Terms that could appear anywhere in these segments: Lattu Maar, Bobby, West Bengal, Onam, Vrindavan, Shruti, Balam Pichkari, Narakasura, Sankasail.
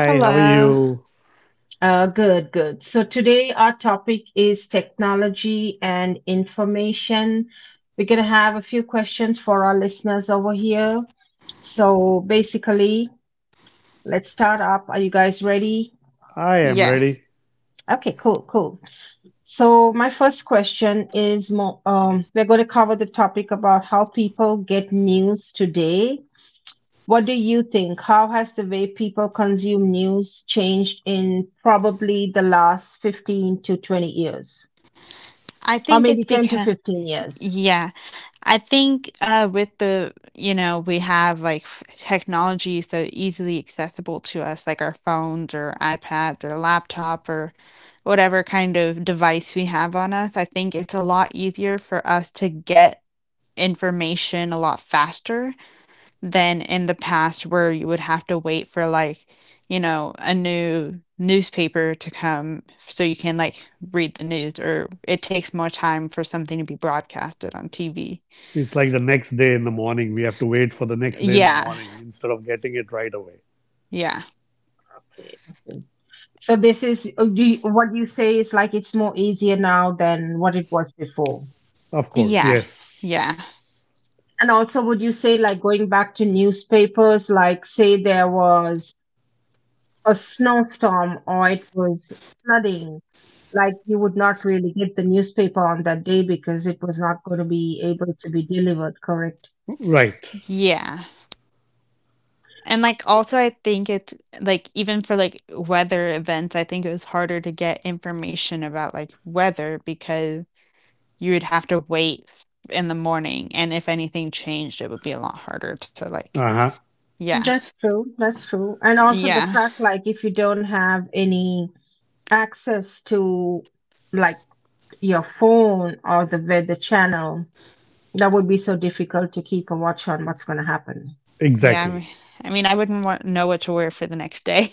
Hi, how are Hello. you? I Yeah. am ready. I think it because Yeah. I think with the you know we have like technology so easily accessible to us like our phones or iPads or laptop or whatever kind of device we have on us. I think it's a lot easier for us to get information a lot faster than in the past where you would have to wait for a newspaper to come so you can read the news, or it takes more time for something to be broadcasted on TV. It's like the next day in the morning. We have to wait for the next day in Yeah. the morning instead of getting it right away. Yeah. Okay. Okay. So this is what you say is like it's more easier now than what it was before. Of Yeah. course, Yeah. yes. And also, would you say like going back to newspapers, like say there was a snowstorm or it was flooding, like you would not really get the newspaper on that day because it was not going to be able to be delivered, correct? Right. Yeah. And also I think it's like even for like weather events, I think it was harder to get information about like weather because you would have to wait in the morning, and if anything changed, it would be a lot harder to like… Uh huh. Yeah. That's true. That's true. And also the Yeah. fact like if you don't have any access to like your phone or the weather channel, that would be so difficult to keep a watch on what's going to happen. Yeah. I mean, Exactly. I mean, I wouldn't want know what to wear for the next day.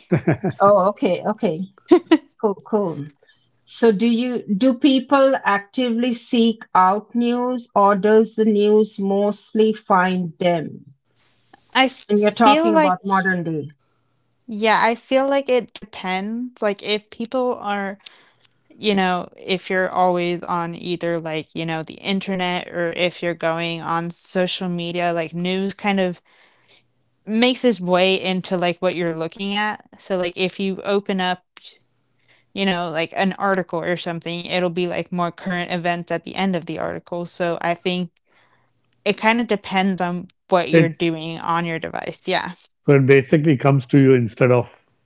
Oh, okay, okay, cool, cool. So, do people actively seek out news, or does the news mostly find them? I And you're feel talking like, about modern day. yeah, I feel like it depends. Like, if people are, if you're always on either like the internet, or if you're going on social media, like news kind of makes its way into like what you're looking at. So, like, if you open up, like an article or something, it'll be like more current events at the end of the article. So, I think it kind of depends on what you're It doing on your device. Yeah. so it basically comes to you instead of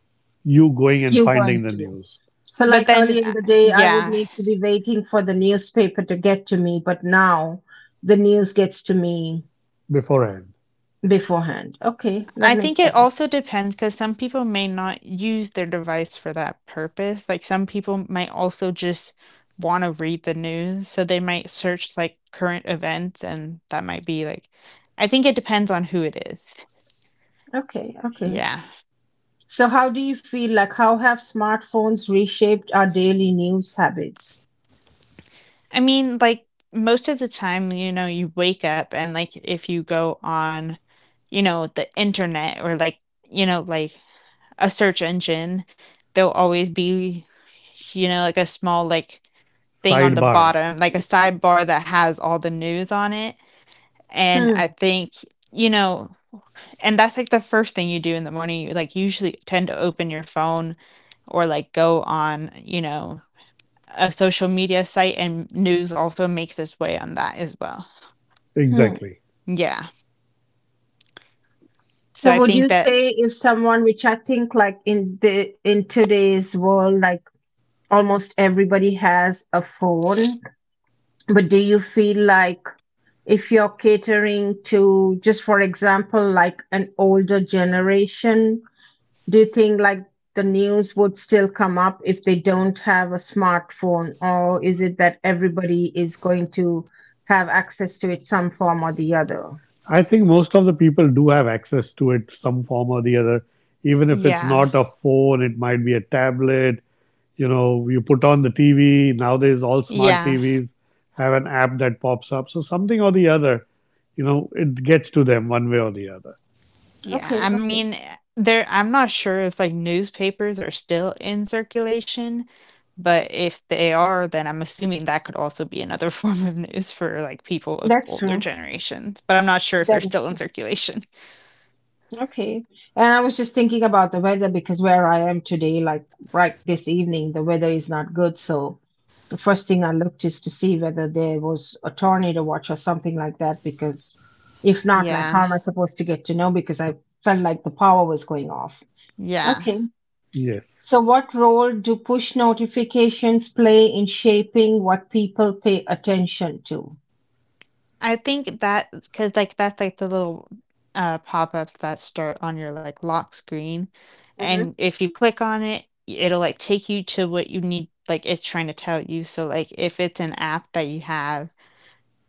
you going You're and going finding to. the news So, like earlier in the day, I would Yeah, need to be waiting for the newspaper to get to me, but now the news gets to me beforehand. beforehand. Okay, that I makes think it sense. also depends because some people may not use their device for that purpose. Like some people might also just want to read the news. So they might search like current events, and that might be like… I think it depends on who it is. Okay, okay. Yeah. So how do you feel like how have smartphones reshaped our daily news habits? I mean, like most of the time, you wake up and like if you go on, the internet or like a search engine, there'll always be, like a small like thing on the Sidebar. bottom, like a S- sidebar that has all the news on it. And Hmm. I think, you know, and that's like the first thing you do in the morning. You like usually tend to open your phone or like go on, a social media site, and news also makes its way on that as well. Hmm. Exactly. Yeah. So So I would think you that… say if someone, which I think like in today's world, like almost everybody has a phone, but do you feel like if you're catering to just for example like an older generation do you think like the news would still come up if they don't have a smartphone or is it that everybody is going to have access to it some form or the other. I think most of the people do have access to it some form or the other. Even if it's yeah. not a phone, it might be a tablet. You know, you put on the TV. Nowadays, all smart Yeah. TVs have an app that pops up. So something or the other, you know, it gets to them one way or the other. Yeah, Okay, I okay. mean, there I'm not sure if like newspapers are still in circulation, but if they are, then I'm assuming that could also be another form of news for like people of That's older true. generations, but I'm not sure if That they're is still in true. circulation. Okay. And I was just thinking about the weather because where I am today, like right this evening the weather is not good, so the first thing I looked is to see whether there was a tornado watch or something like that because if not, like how Yeah. am I supposed to get to know because I felt like the power was going off. Yeah. Okay. So Yes. what role do push notifications play in shaping what people pay attention to? I think that because like that's like the little pop-ups that start on your like lock screen. And Hmm. if you click on it, it'll like take you to what you need, like it's trying to tell you. So like if it's an app that you have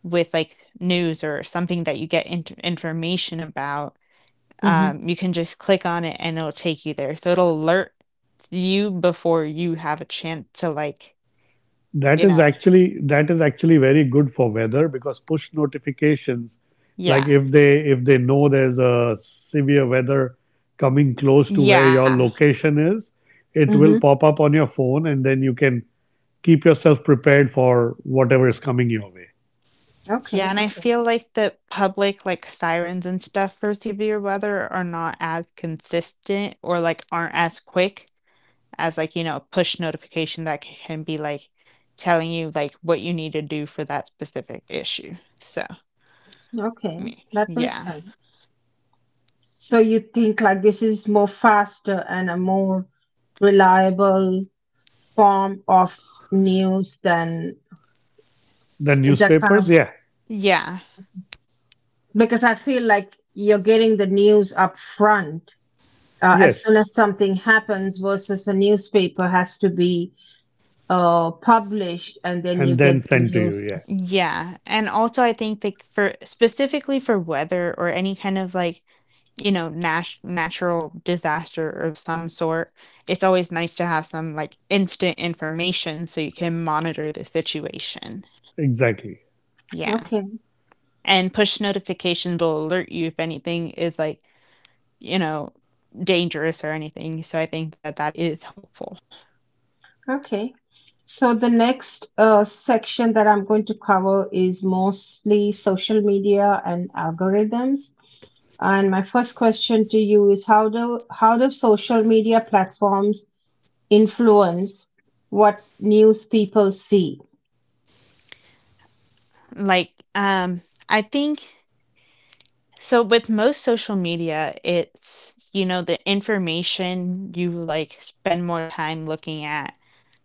with like news or something that you get information about, Mm-hmm. You can just click on it, and it'll take you there. So it'll alert you before you have a chance to like, you That know, is actually that is actually very good for weather because push notifications, like yeah. if they know there's a severe weather coming close to where Yeah. your location is, it Mm-hmm. will pop up on your phone and then you can keep yourself prepared for whatever is coming your way. Yeah, Okay, and I okay, feel like the public like sirens and stuff for severe weather are not as consistent or like aren't as quick as a push notification that can be like telling you like what you need to do for that specific issue. So, okay. me. That makes Yeah. sense. So you think like this is more faster and a more reliable form of news than The is that kind of newspapers, yeah, Yeah. because I feel like you're getting the news up front as soon as yes, something happens versus a newspaper has to be published and then you and get then the sent to news. you, yeah, Yeah. And also I think like for specifically for weather or any kind of natural disaster of some sort, it's always nice to have some like instant information so you can monitor the situation. exactly, Yeah. Okay, And push notifications will alert you if anything is you know, dangerous or anything. So I think that that is helpful. okay. So the next section that I'm going to cover is mostly social media and algorithms. And my first question to you is how do social media platforms influence what news people see? Like I think So with most social media, it's, the information you like spend more time looking at.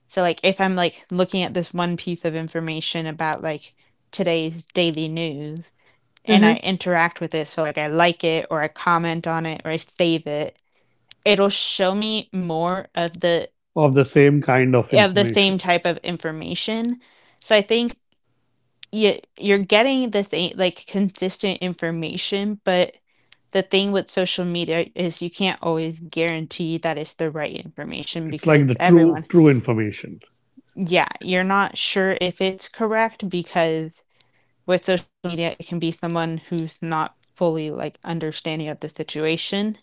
So like if I'm like looking at this one piece of information about like today's daily news, and I interact with it, so like I like it, or I comment on it, or I save it, it'll show me more of the… of the same kind of of the same information. type of information. So I think you're getting the same, like, consistent information, but the thing with social media is you can't always guarantee that it's the right information It's because like the everyone… true information. Yeah, you're not sure if it's correct, because with social media, it can be someone who's not fully, like, understanding of the situation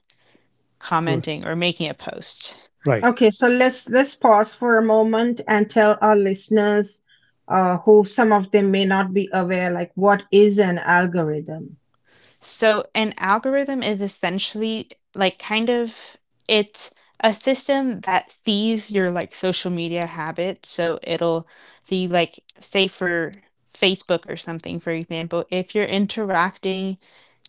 R- commenting or making a post. right? Okay, so let's pause for a moment and tell our listeners, who some of them may not be aware, like what is an algorithm? So an algorithm is essentially like kind of it's a system that sees your like social media habits. So it'll see like say for Facebook or something, for example, if you're interacting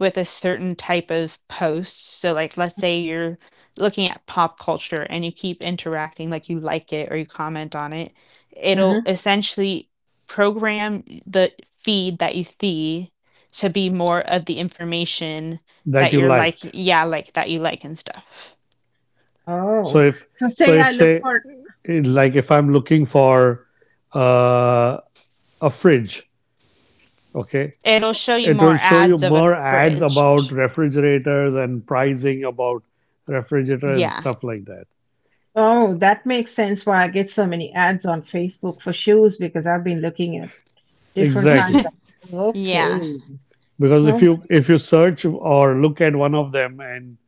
with a certain type of post. So like let's say you're looking at pop culture, and you keep interacting, like you like it or you comment on it, it'll Mm-hmm. essentially program the feed that you see to be more of the information that That you you're like, like. yeah, like that you like and stuff. Oh, So if so say so I if look say for, like if I'm looking for uh, a fridge, okay, It'll show you it more will show ads you of a more ads fridge. about refrigerators and pricing about Yeah. refrigerators and stuff like that. oh, that makes sense why I get so many ads on Facebook for shoes because I've been looking at different kinds Exactly. of, Yeah. okay. Because Oh, if you search or look at one of them and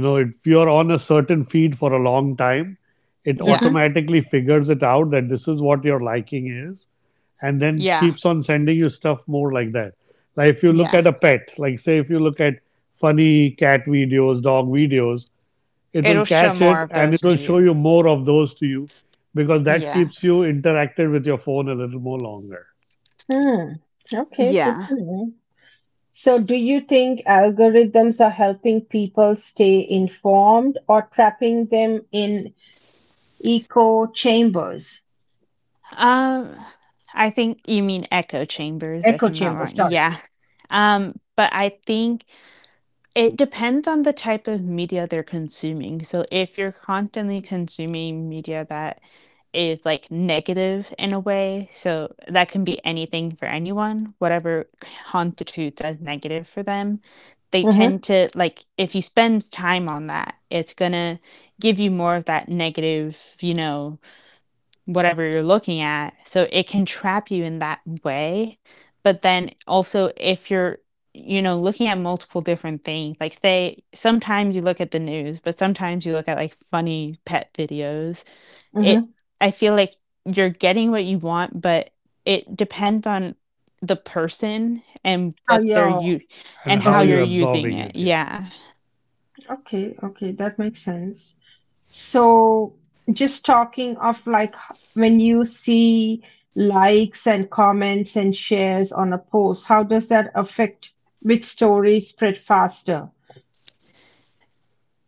you know if you're on a certain feed for a long time it Yeah. mm-hmm. automatically figures it out that this is what your liking is, and then Yeah. keeps on sending you stuff more like that. Like if you Yeah. look at a pet, like say if you look at funny cat videos, dog videos, it It'll will show catch more of it those and it to will you. show you more of those to you because that Yeah. keeps you interacted with your phone a little more longer. Hmm. Okay, good Yeah. to know. So, do you think algorithms are helping people stay informed or trapping them in echo chambers? um I think you mean echo chambers, if Echo I'm not wrong. chambers. Sorry. Yeah. But I think it depends on the type of media they're consuming. So if you're constantly consuming media that is like negative in a way, so that can be anything for anyone, whatever constitutes as negative for them, they Mm-hmm, tend to like… if you spend time on that, it's gonna give you more of that negative, whatever you're looking at. So it can trap you in that way. But then also, if you're, looking at multiple different things, like say sometimes you look at the news, but sometimes you look at like funny pet videos. It, mm-hmm. I feel like you're getting what you want, but it depends on the person and Oh, what they're yeah. you and And how how you're Okay. you're using absorbing it. it here. Yeah. Okay. Okay. That makes sense. So, just talking of when you see likes and comments and shares on a post, how does that affect which stories spread faster?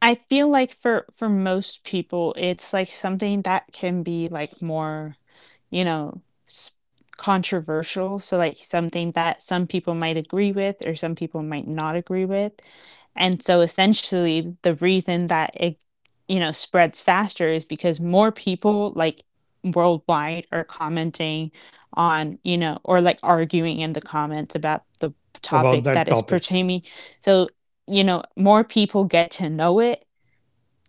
I feel like for most people, it's like something that can be like more, s controversial. So like something that some people might agree with or some people might not agree with. And so essentially the reason that it, spreads faster is because more people like worldwide are commenting on, or like arguing in the comments about the About topic that that is topic. pertaining. So, more people get to know it.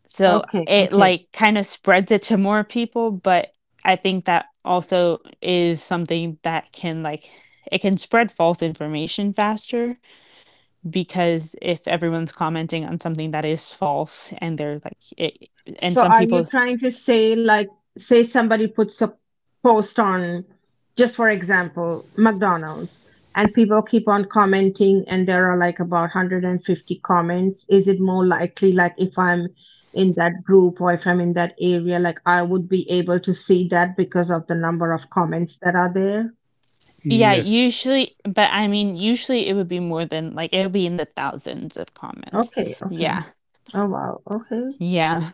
So Okay, it okay. like kind of spreads it to more people, but I think that also is something that can like… it can spread false information faster, because if everyone's commenting on something that is false and they're like it, and So some are you people… trying to say like say somebody puts a post on just for example McDonald's and people keep on commenting and there are like about 150 comments, is it more likely like if I'm in that group or if I'm in that area like I would be able to see that because of the number of comments that are there? yeah, Yes. usually, but I mean usually it would be more than like, it'll be in the thousands of Okay, comments. okay. Yeah. Oh wow. Okay. Yeah.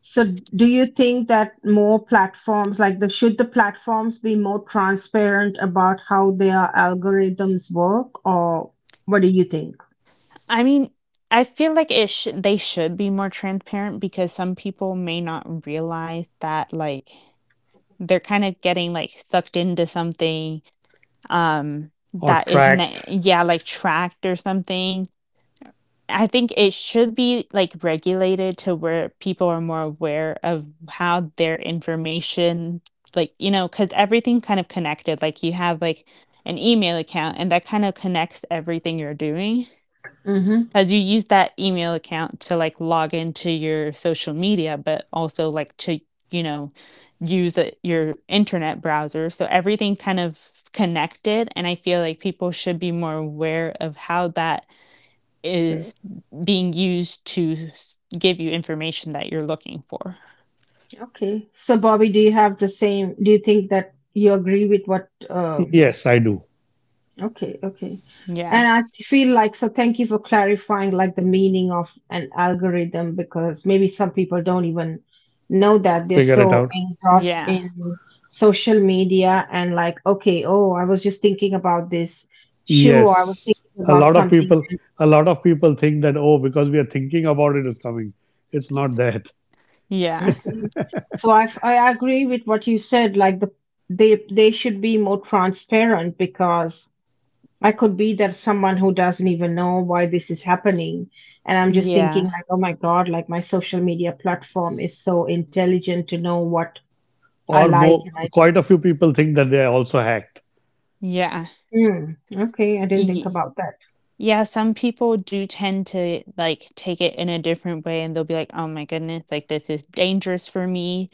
So do you think that more platforms like the should the platforms be more transparent about how their algorithms work or what do you think? I mean, I feel like it sh they should be more transparent, because some people may not realize that, like, they're kind of getting, like, sucked into something, um, Or that is ne tracked. yeah, like, tracked or something. I think it should be, like, regulated to where people are more aware of how their information, like, because everything kind of connected, like, you have, like, an email account, and that kind of connects everything you're doing. Mm-hmm. Because you use that email account to like log into your social media, but also like to, you know, use it your internet browser. So everything kind of connected. And I feel like people should be more aware of how that is being used to give you information that you're looking for. Okay. So Bobby, do you have the same do you think that you agree with what Yes, I do. Okay, okay. Yeah. And I feel like, so thank you for clarifying like the meaning of an algorithm because maybe some people don't even know that they're Figure it so out. engrossed Yeah. in social media and like, okay, oh, I was just thinking about this shoe or I was thinking Yes. a about lot of something. people a lot of people think that, oh, because we are thinking about it, is coming. It's not that. Yeah. Okay. So I agree with what you said, like they should be more transparent because I could be that someone who doesn't even know why this is happening. And I'm just thinking, Yeah. like, oh my God, like my social media platform is so intelligent to know what I Or like. more, And I, quite a few people think that they are also hacked. Yeah. hmm, okay, I didn't think Ye- about that. Yeah, some people do tend to, like, take it in a different way, and they'll be like, "Oh my goodness, like, this is dangerous for me,"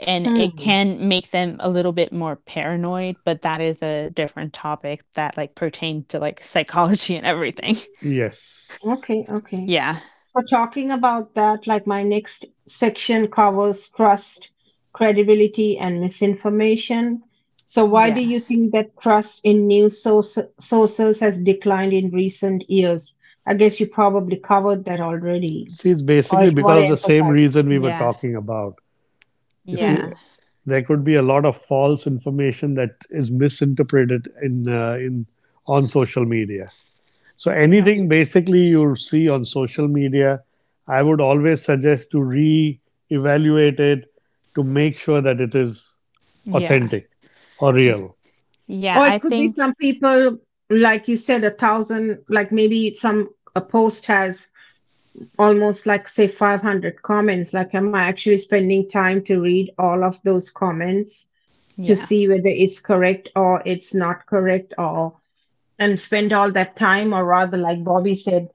and it Hmm, can make them a little bit more paranoid, but that is a different topic that, like, pertains to, like, psychology and everything. Yes, okay, okay. Yeah. For talking about that. Like my next section covers trust, credibility, and misinformation. So, why do Yeah. you think that trust in sources has declined in recent years? I guess you probably covered that already, see, it's or if basically Eh you want because to of the same emphasize. reason we were yeah. talking about. You see, Hmm. Yeah. there could be a lot of false information that is misinterpreted in on social media. So Yeah. anything basically you see on social media, I would always suggest to re-evaluate it to make sure that it is Yeah. authentic or Y real. yeah, Or I it could be think… some people, like you said, a thousand, like maybe some a post has almost like say 500 comments, like am I actually spending time to read all of those comments to yeah. see whether it's correct or it's not correct or and spend all that time, or rather like Bobby said,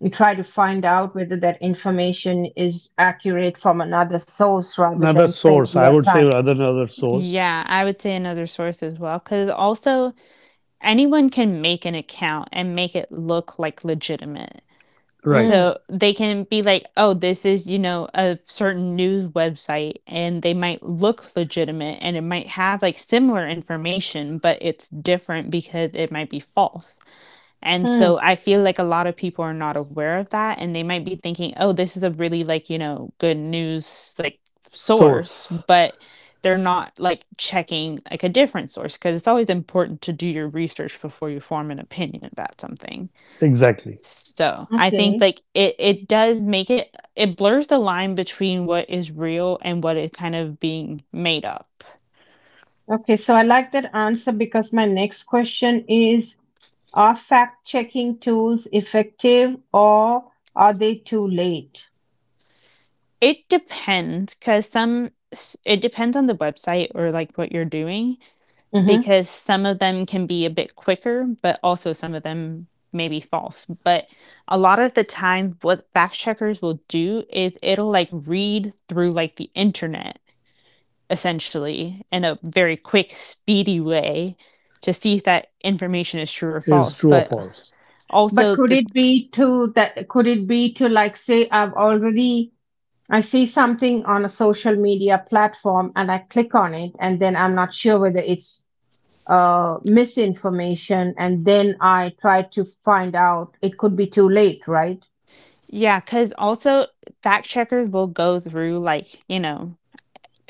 you try to find out whether that information is accurate from another source rather Another than spending source, your I would say, time. rather than another source. Yeah, I would say another source as well, because also anyone can make an account and make it look, like, legitimate. Right. Mm, So they can be like, "Oh, this is, you know, a certain news website," and they might look legitimate, and it might have like similar information, but it's different because it might be false. And mm, so I feel like a lot of people are not aware of that, and they might be thinking, "Oh, this is a really like, you know, good news like source," Source. but they're not like checking like a different source, because it's always important to do your research before you form an opinion about something. Exactly. So, I think, okay. like, it does make it… it blurs the line between what is real and what is kind of being made up. Okay, so I like that answer because my next question is are fact checking tools effective or are they too late? It depends because some s it depends on the website or, what you're doing Hmm. because some of them can be a bit quicker, but also some of them may be false. But a lot of the time, what fact checkers will do is it'll read through, the internet essentially in a very quick, speedy way to see if that information is true or Is false. true or But false. But also could the it be to that, could it be to like say I've already I see something on a social media platform and I click on it and then I'm not sure whether it's misinformation and then I try to find out it could be too late, right? yeah, because also fact checkers will go through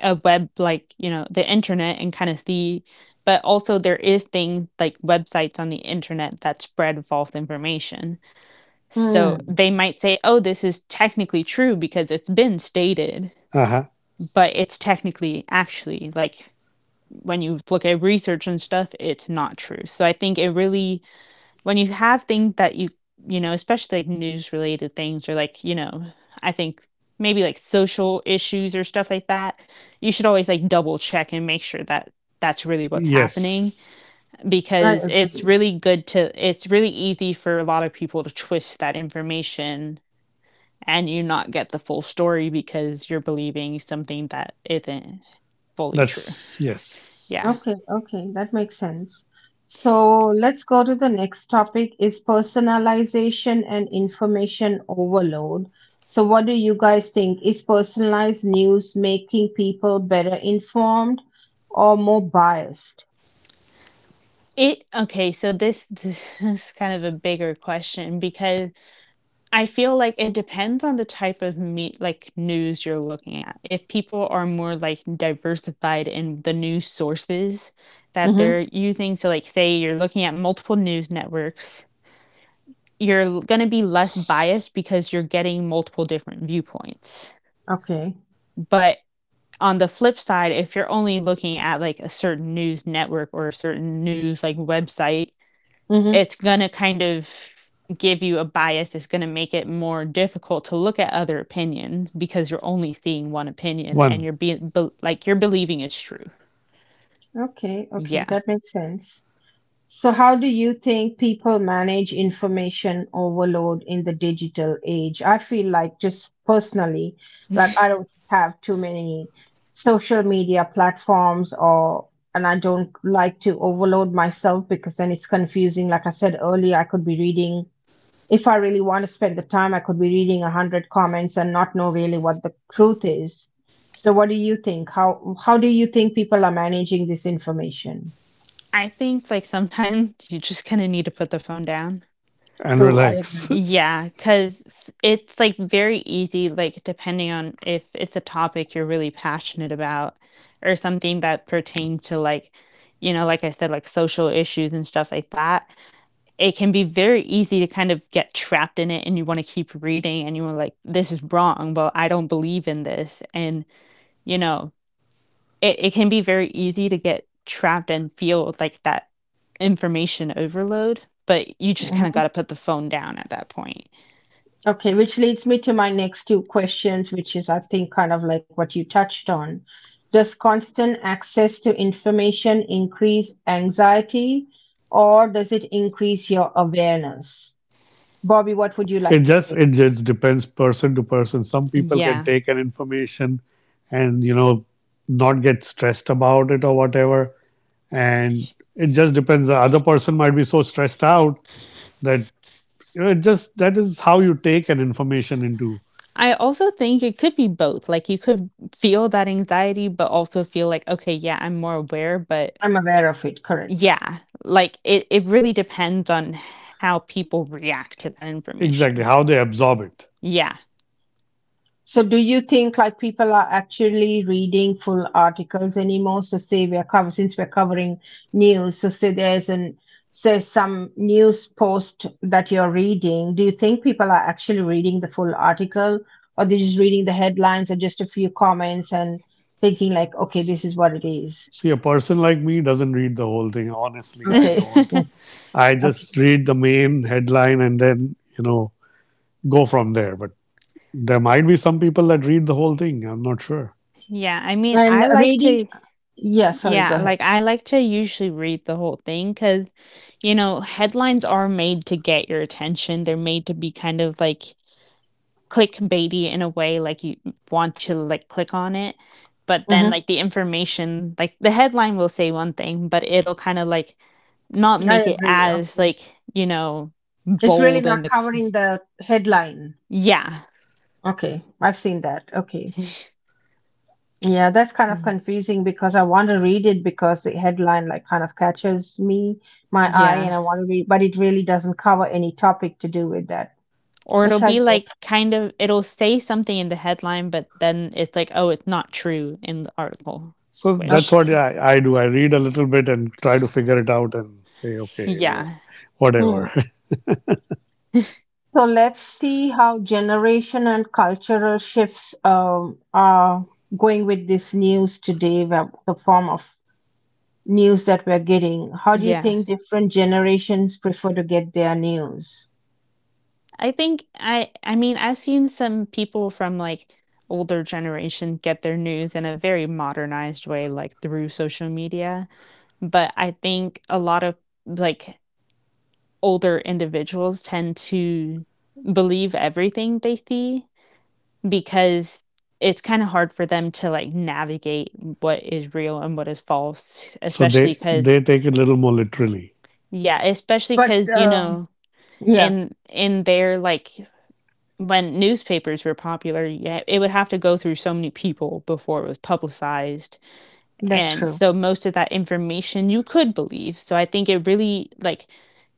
a web like you know the internet and kind of see. But also there is things like websites on the internet that spread false information. So Hmm, they might say, "Oh, this is technically true because it's been stated." Uh-huh. But it's technically actually like when you look at research and stuff, it's not true. So I think when you have things that you know, especially like news related things or I think maybe like social issues or stuff like that, you should always like double check and make sure that that's really what's happening Yes. I because agree. It's really easy for a lot of people to twist that information and you not get the full story because you're believing something that isn't fully true. That's Yeah. yes. Okay, okay, that makes sense. So let's go to the next topic is personalization and information overload. So what do you guys think? Is personalized news making people better informed or more biased? It okay, so this this is kind of a bigger question because I feel like it depends on the type of meat like news you're looking at. If people are more like diversified in the news sources that Mm-hmm. they're using, so like say you're looking at multiple news networks, you're gonna be less biased because you're getting multiple different viewpoints. Okay. But on the flip side, if you're only looking at like a certain news network or a certain news like website, Mm-hmm. it's going to give you a bias. It's going to make it more difficult to look at other opinions because you're only seeing one opinion and One. you're being be- like you're believing it's true. Okay, okay, Yeah. that makes sense. So, how do you think people manage information overload in the digital age? I feel like, just personally, like I don't have too many social media platforms or and I don't like to overload myself because then it's confusing. Like I said earlier, I could be reading, if I really want to spend the time, I could be reading a hundred comments and not know really what the truth is. So what do you think? How do you think people are managing this information? I think like sometimes you just kind of need to put the phone down. And True, I relax. agree. Yeah, because it's like very easy, like depending on if it's a topic you're really passionate about or something that pertains to like like I said, like social issues and stuff like that. It can be very easy to kind of get trapped in it, and you want to keep reading and you were like, this is wrong, well I don't believe in this. And you know it can be very easy to get trapped and feel like that information overload, but you just kind of got Hmm. to put the phone down at that point. Okay, which leads me to my next two questions, which is, I think, kind of like what you touched on. Does constant access to information increase anxiety or does it increase your awareness? Bobby, what would you It like to just say? it just depends person to person. Some people can Yeah, take an information and you know not get stressed about it or whatever. And it just depends. The other person might be so stressed out that you know it just that is how you take an information into. I also think it could be both. Like you could feel that anxiety but also feel like, okay, yeah, I'm more aware. But I'm aware of it, correct? yeah, like it really depends on how people react to that Exactly information. how they absorb it. Yeah. So, do you think like people are actually reading full articles anymore? So, say we are cover since we're covering news. So, say there's an there's some news post that you're reading. Do you think people are actually reading the full article, or they're just reading the headlines and just a few comments and thinking like, okay, this is what it is. See, a person like me doesn't read the whole thing. Honestly, I Okay, don't. I okay. just read the main headline and then you know go from there. But there might be some people that read the whole thing. I'm not sure. Yeah, I mean, And I like reading, to yeah. Sorry, go ahead. I like to usually read the whole thing because, you know, headlines are made to get your attention, they're made to be kind of, like, clickbaity in a way, like, you want to, like, click on it, but Hmm. then, like, the headline will say one thing, but it'll kinda, like, not I make it agree. as, Okay, like, you know, it's really bold not and, the. covering the headline. Yeah. Okay, I've seen that. Okay. Yeah, that's kind of confusing because I want to read it because the headline like kind of catches me, my eye, Yeah. and I want to read, but it really doesn't cover any topic to do with that, Or it'll which I be get. like it'll say something in the headline, but then it's like, oh, it's not true in the article, So that's which, what Okay. I do. I read a little bit and try to figure it out and say, okay, you know, yeah, Hmm. whatever. So let's see how generation and cultural shifts are going with this news today, the form of news that we're getting. How do you yeah. think different generations prefer to get their news? I mean, I've seen some people from like older generation get their news in a very modernized way, like through social media. But I think a lot of like older individuals tend to believe everything they see, because it's kind of hard for them to like navigate what is real and what is false, So especially they cuz take it a little more literally. yeah, especially But cuz yeah, in their like when newspapers were popular, yeah, it would have to go through so many people before it was publicized, that's and true. so most of that information you could believe. So I think it really like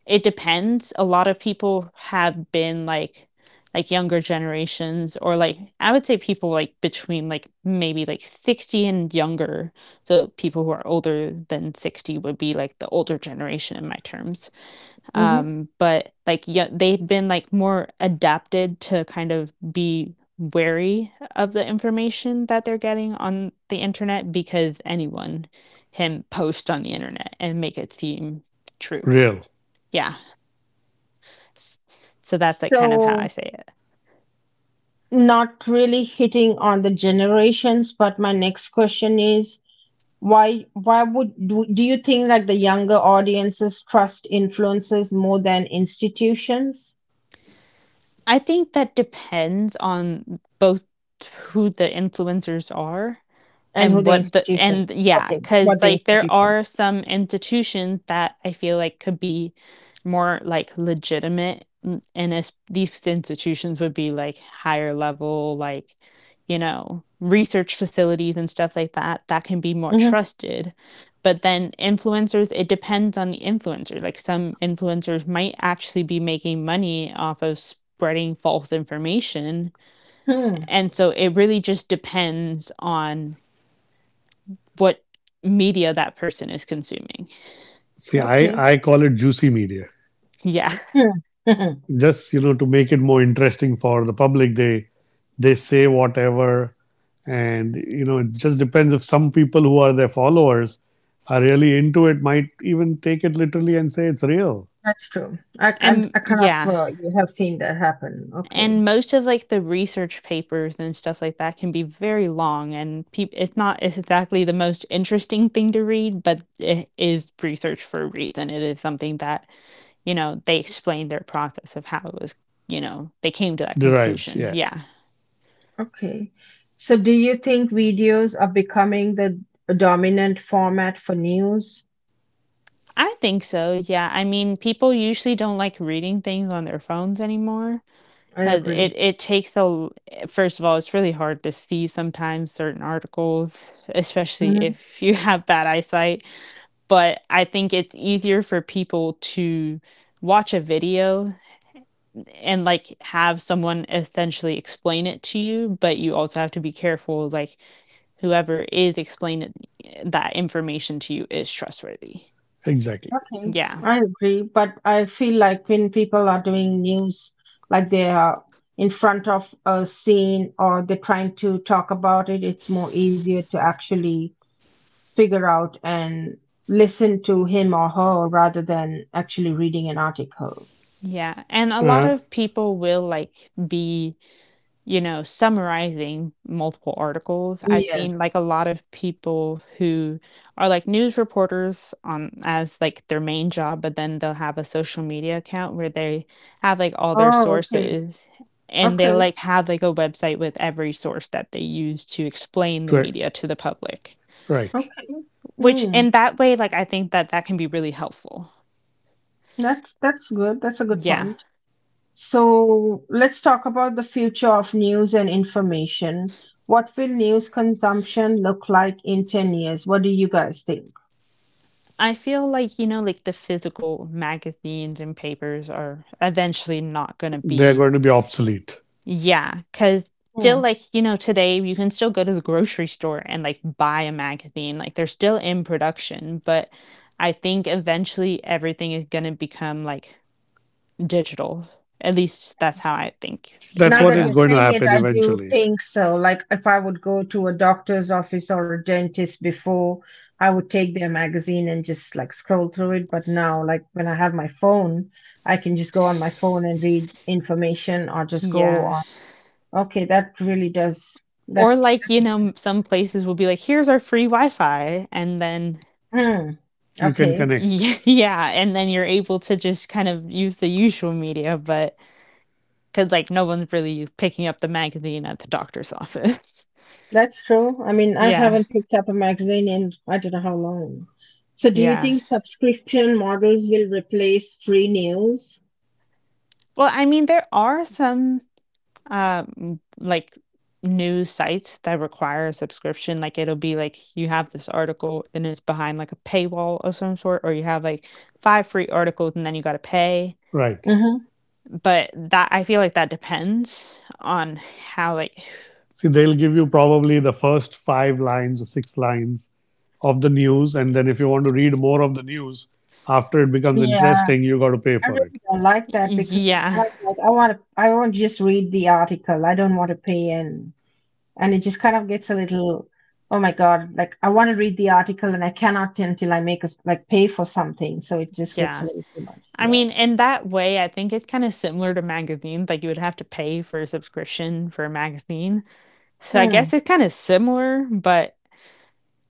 it depends. A lot of people have been like younger generations, or like I would say people like between like maybe like 60 and younger. So people who are older than 60 would be like the older generation in my terms. Hmm. But like yeah, they've been like more adapted to kind of be wary of the information that they're getting on the internet, because anyone can post on the internet and make it seem true. Real. Yeah, so that's like kind of how I So say it. not really hitting on the generations, but my next question is why would do you think like the younger audiences trust influences more than institutions I think that depends on both who the influencers are and who and the what the institution? and yeah, Okay, because what the like there institution? are some institutions that I feel like could be more like legitimate, and as these institutions would be like higher level, like you know, research facilities and stuff like that, that can be more Hmm. trusted. But then influencers, it depends on the influencer. Like some influencers might actually be making money off of spreading false information, Hmm. and so it really just depends on what media that person is consuming. See, Okay. I call it juicy media. Yeah. Hmm. Hmm, hmm. Just you know to make it more interesting for the public. They say whatever, and you know it just depends, if some people who are their followers are really into it, might even take it literally and say it's real. That's true. I can And I kind of yeah. You have seen that happen. Okay. And most of like the research papers and stuff like that can be very long, and peop it's not exactly the most interesting thing to read, but it is research for a reason. It is something that, you know, they explained their process of how it was, you know, they came to that Derived. conclusion. Yeah, Yeah. Okay. So do you think videos are becoming the dominant format for news? I think so. Yeah. I mean, people usually don't like reading things on their phones anymore. I 'Cause agree. it it takes a l first of all, it's really hard to see sometimes certain articles, especially Mm-hmm. if you have bad eyesight, but I think it's easier for people to watch a video and, like, have someone essentially explain it to you, but you also have to be careful, like, whoever is explaining that information to you is trustworthy. exactly. Okay, Yeah, I agree, but I feel like when people are doing news, like they are in front of a scene or they're trying to talk about it, it's more easier to actually figure out and listen to him or her rather than actually reading an article. yeah, and a lot Uh, of people will, like, be you know, summarizing multiple articles. I've Yes. seen like a lot of people who are like news reporters on as like their main job, but then they'll have a social media account where they have like all their Oh, okay. sources, and Okay. they'll like have like a website with every source that they use to explain the media to the public. right. Okay. Which Hmm. in that way, like I think that can be really helpful. That's good. That's a good Yeah. point. So let's talk about the future of news and information. What will news consumption look like in 10 years? What do you guys think? I feel like, you know, like the physical magazines and papers are eventually not going to They're be. going to be obsolete. Yeah, cause Hmm. still, like, you know, today you can still go to the grocery store and, like, buy a magazine, like, they're still in production, but I think eventually everything is gonna become, like, digital. At least that's how I think it That's Now might what that go. is you're going to saying it, happen I do eventually. think so. Like if I would go to a doctor's office or a dentist before, I would take their magazine and just like scroll through it. But now, like when I have my phone, I can just go on my phone and read information or just go Yeah. on. Okay, that really does. That, Or, like, that you know, makes sense. Some places will be like, "Here's our free Wi-Fi," and then Hmm. You can Okay. connect. Y yeah, and then you're able to just kind of use the usual media, but cause like, no one's really picking up the magazine at the doctor's office. That's true. I mean, I Yeah. haven't picked up a magazine in I don't know how long. So, do you Yeah. think subscription models will replace free news? Well, I mean, there are some like news sites that require a subscription. Like it'll be like you have this article and it's behind like a paywall of some sort, or you have like five free articles and then you gotta pay. Right. Mm-hmm. But that I feel like that depends on how like See, they'll give you probably the first five lines or six lines of the news. And then if you want to read more of the news after it becomes Yeah, interesting, you got to pay I for it. really don't like that because it's kind yeah. of like I want to just read the article. I don't want to pay in, and it just kind of gets a little, oh my God, like I want to read the article and I cannot until I make us like pay for something. So it just gets a Yeah. little too much. I Yeah. mean, in that way, I think it's kind of similar to magazines. Like you would have to pay for a subscription for a magazine. So I Hmm. guess it's kind of similar, but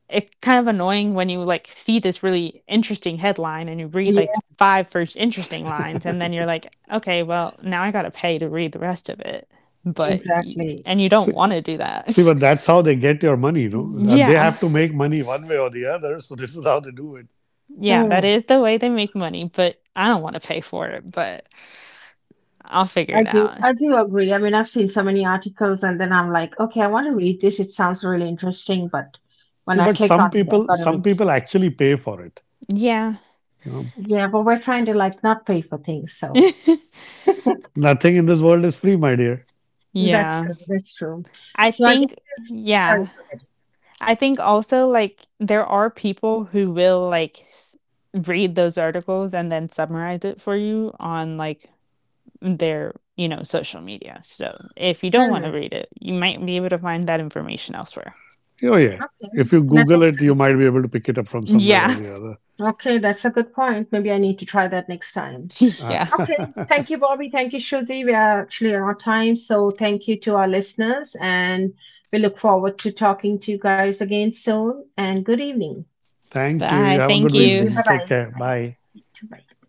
it's kind of annoying when you like see this really interesting headline and you read like the Yeah, five first interesting lines, and then you're like, okay well now I gotta pay to read the rest of it. But exactly. and you don't See, want to do see, that. but that's how they get your money, you know. They Yeah, have to make money one way or the other. So this is how they do it. yeah, that Hmm. is the way they make money, but I don't want to pay for it. But I'll figure it out. I do agree. I mean, I've seen so many articles and then I'm like, okay, I want to read this. It sounds really interesting, but when See, I but click on it, I've got to read. some people actually pay for it. Yeah. You know, Yeah, but we're trying to like not pay for things, so nothing in this world is free, my dear. that's Yeah, true. That's true. i So I guess think sorry. yeah Go I think also, like, there are people who will, like, s read those articles and then summarize it for you on, like, their, you know, social media, so if you ahead. don't wanna Hmm. read it, you might be able to find that information elsewhere. Oh yeah. Okay, If you that Google makes it, you sense. might be able to pick it up from somewhere or Yeah. the other. Okay, that's a good point. Maybe I need to try that next time. Uh, Yeah. Okay, thank you, Bobby. Thank you, Shruti. We are actually out of time, so thank you to our listeners, and we look forward to talking to you guys again soon. And good evening. Thank you. You Bye, have a good thank Thank you. you. evening. Take Bye-bye. care. Bye. Bye. Bye.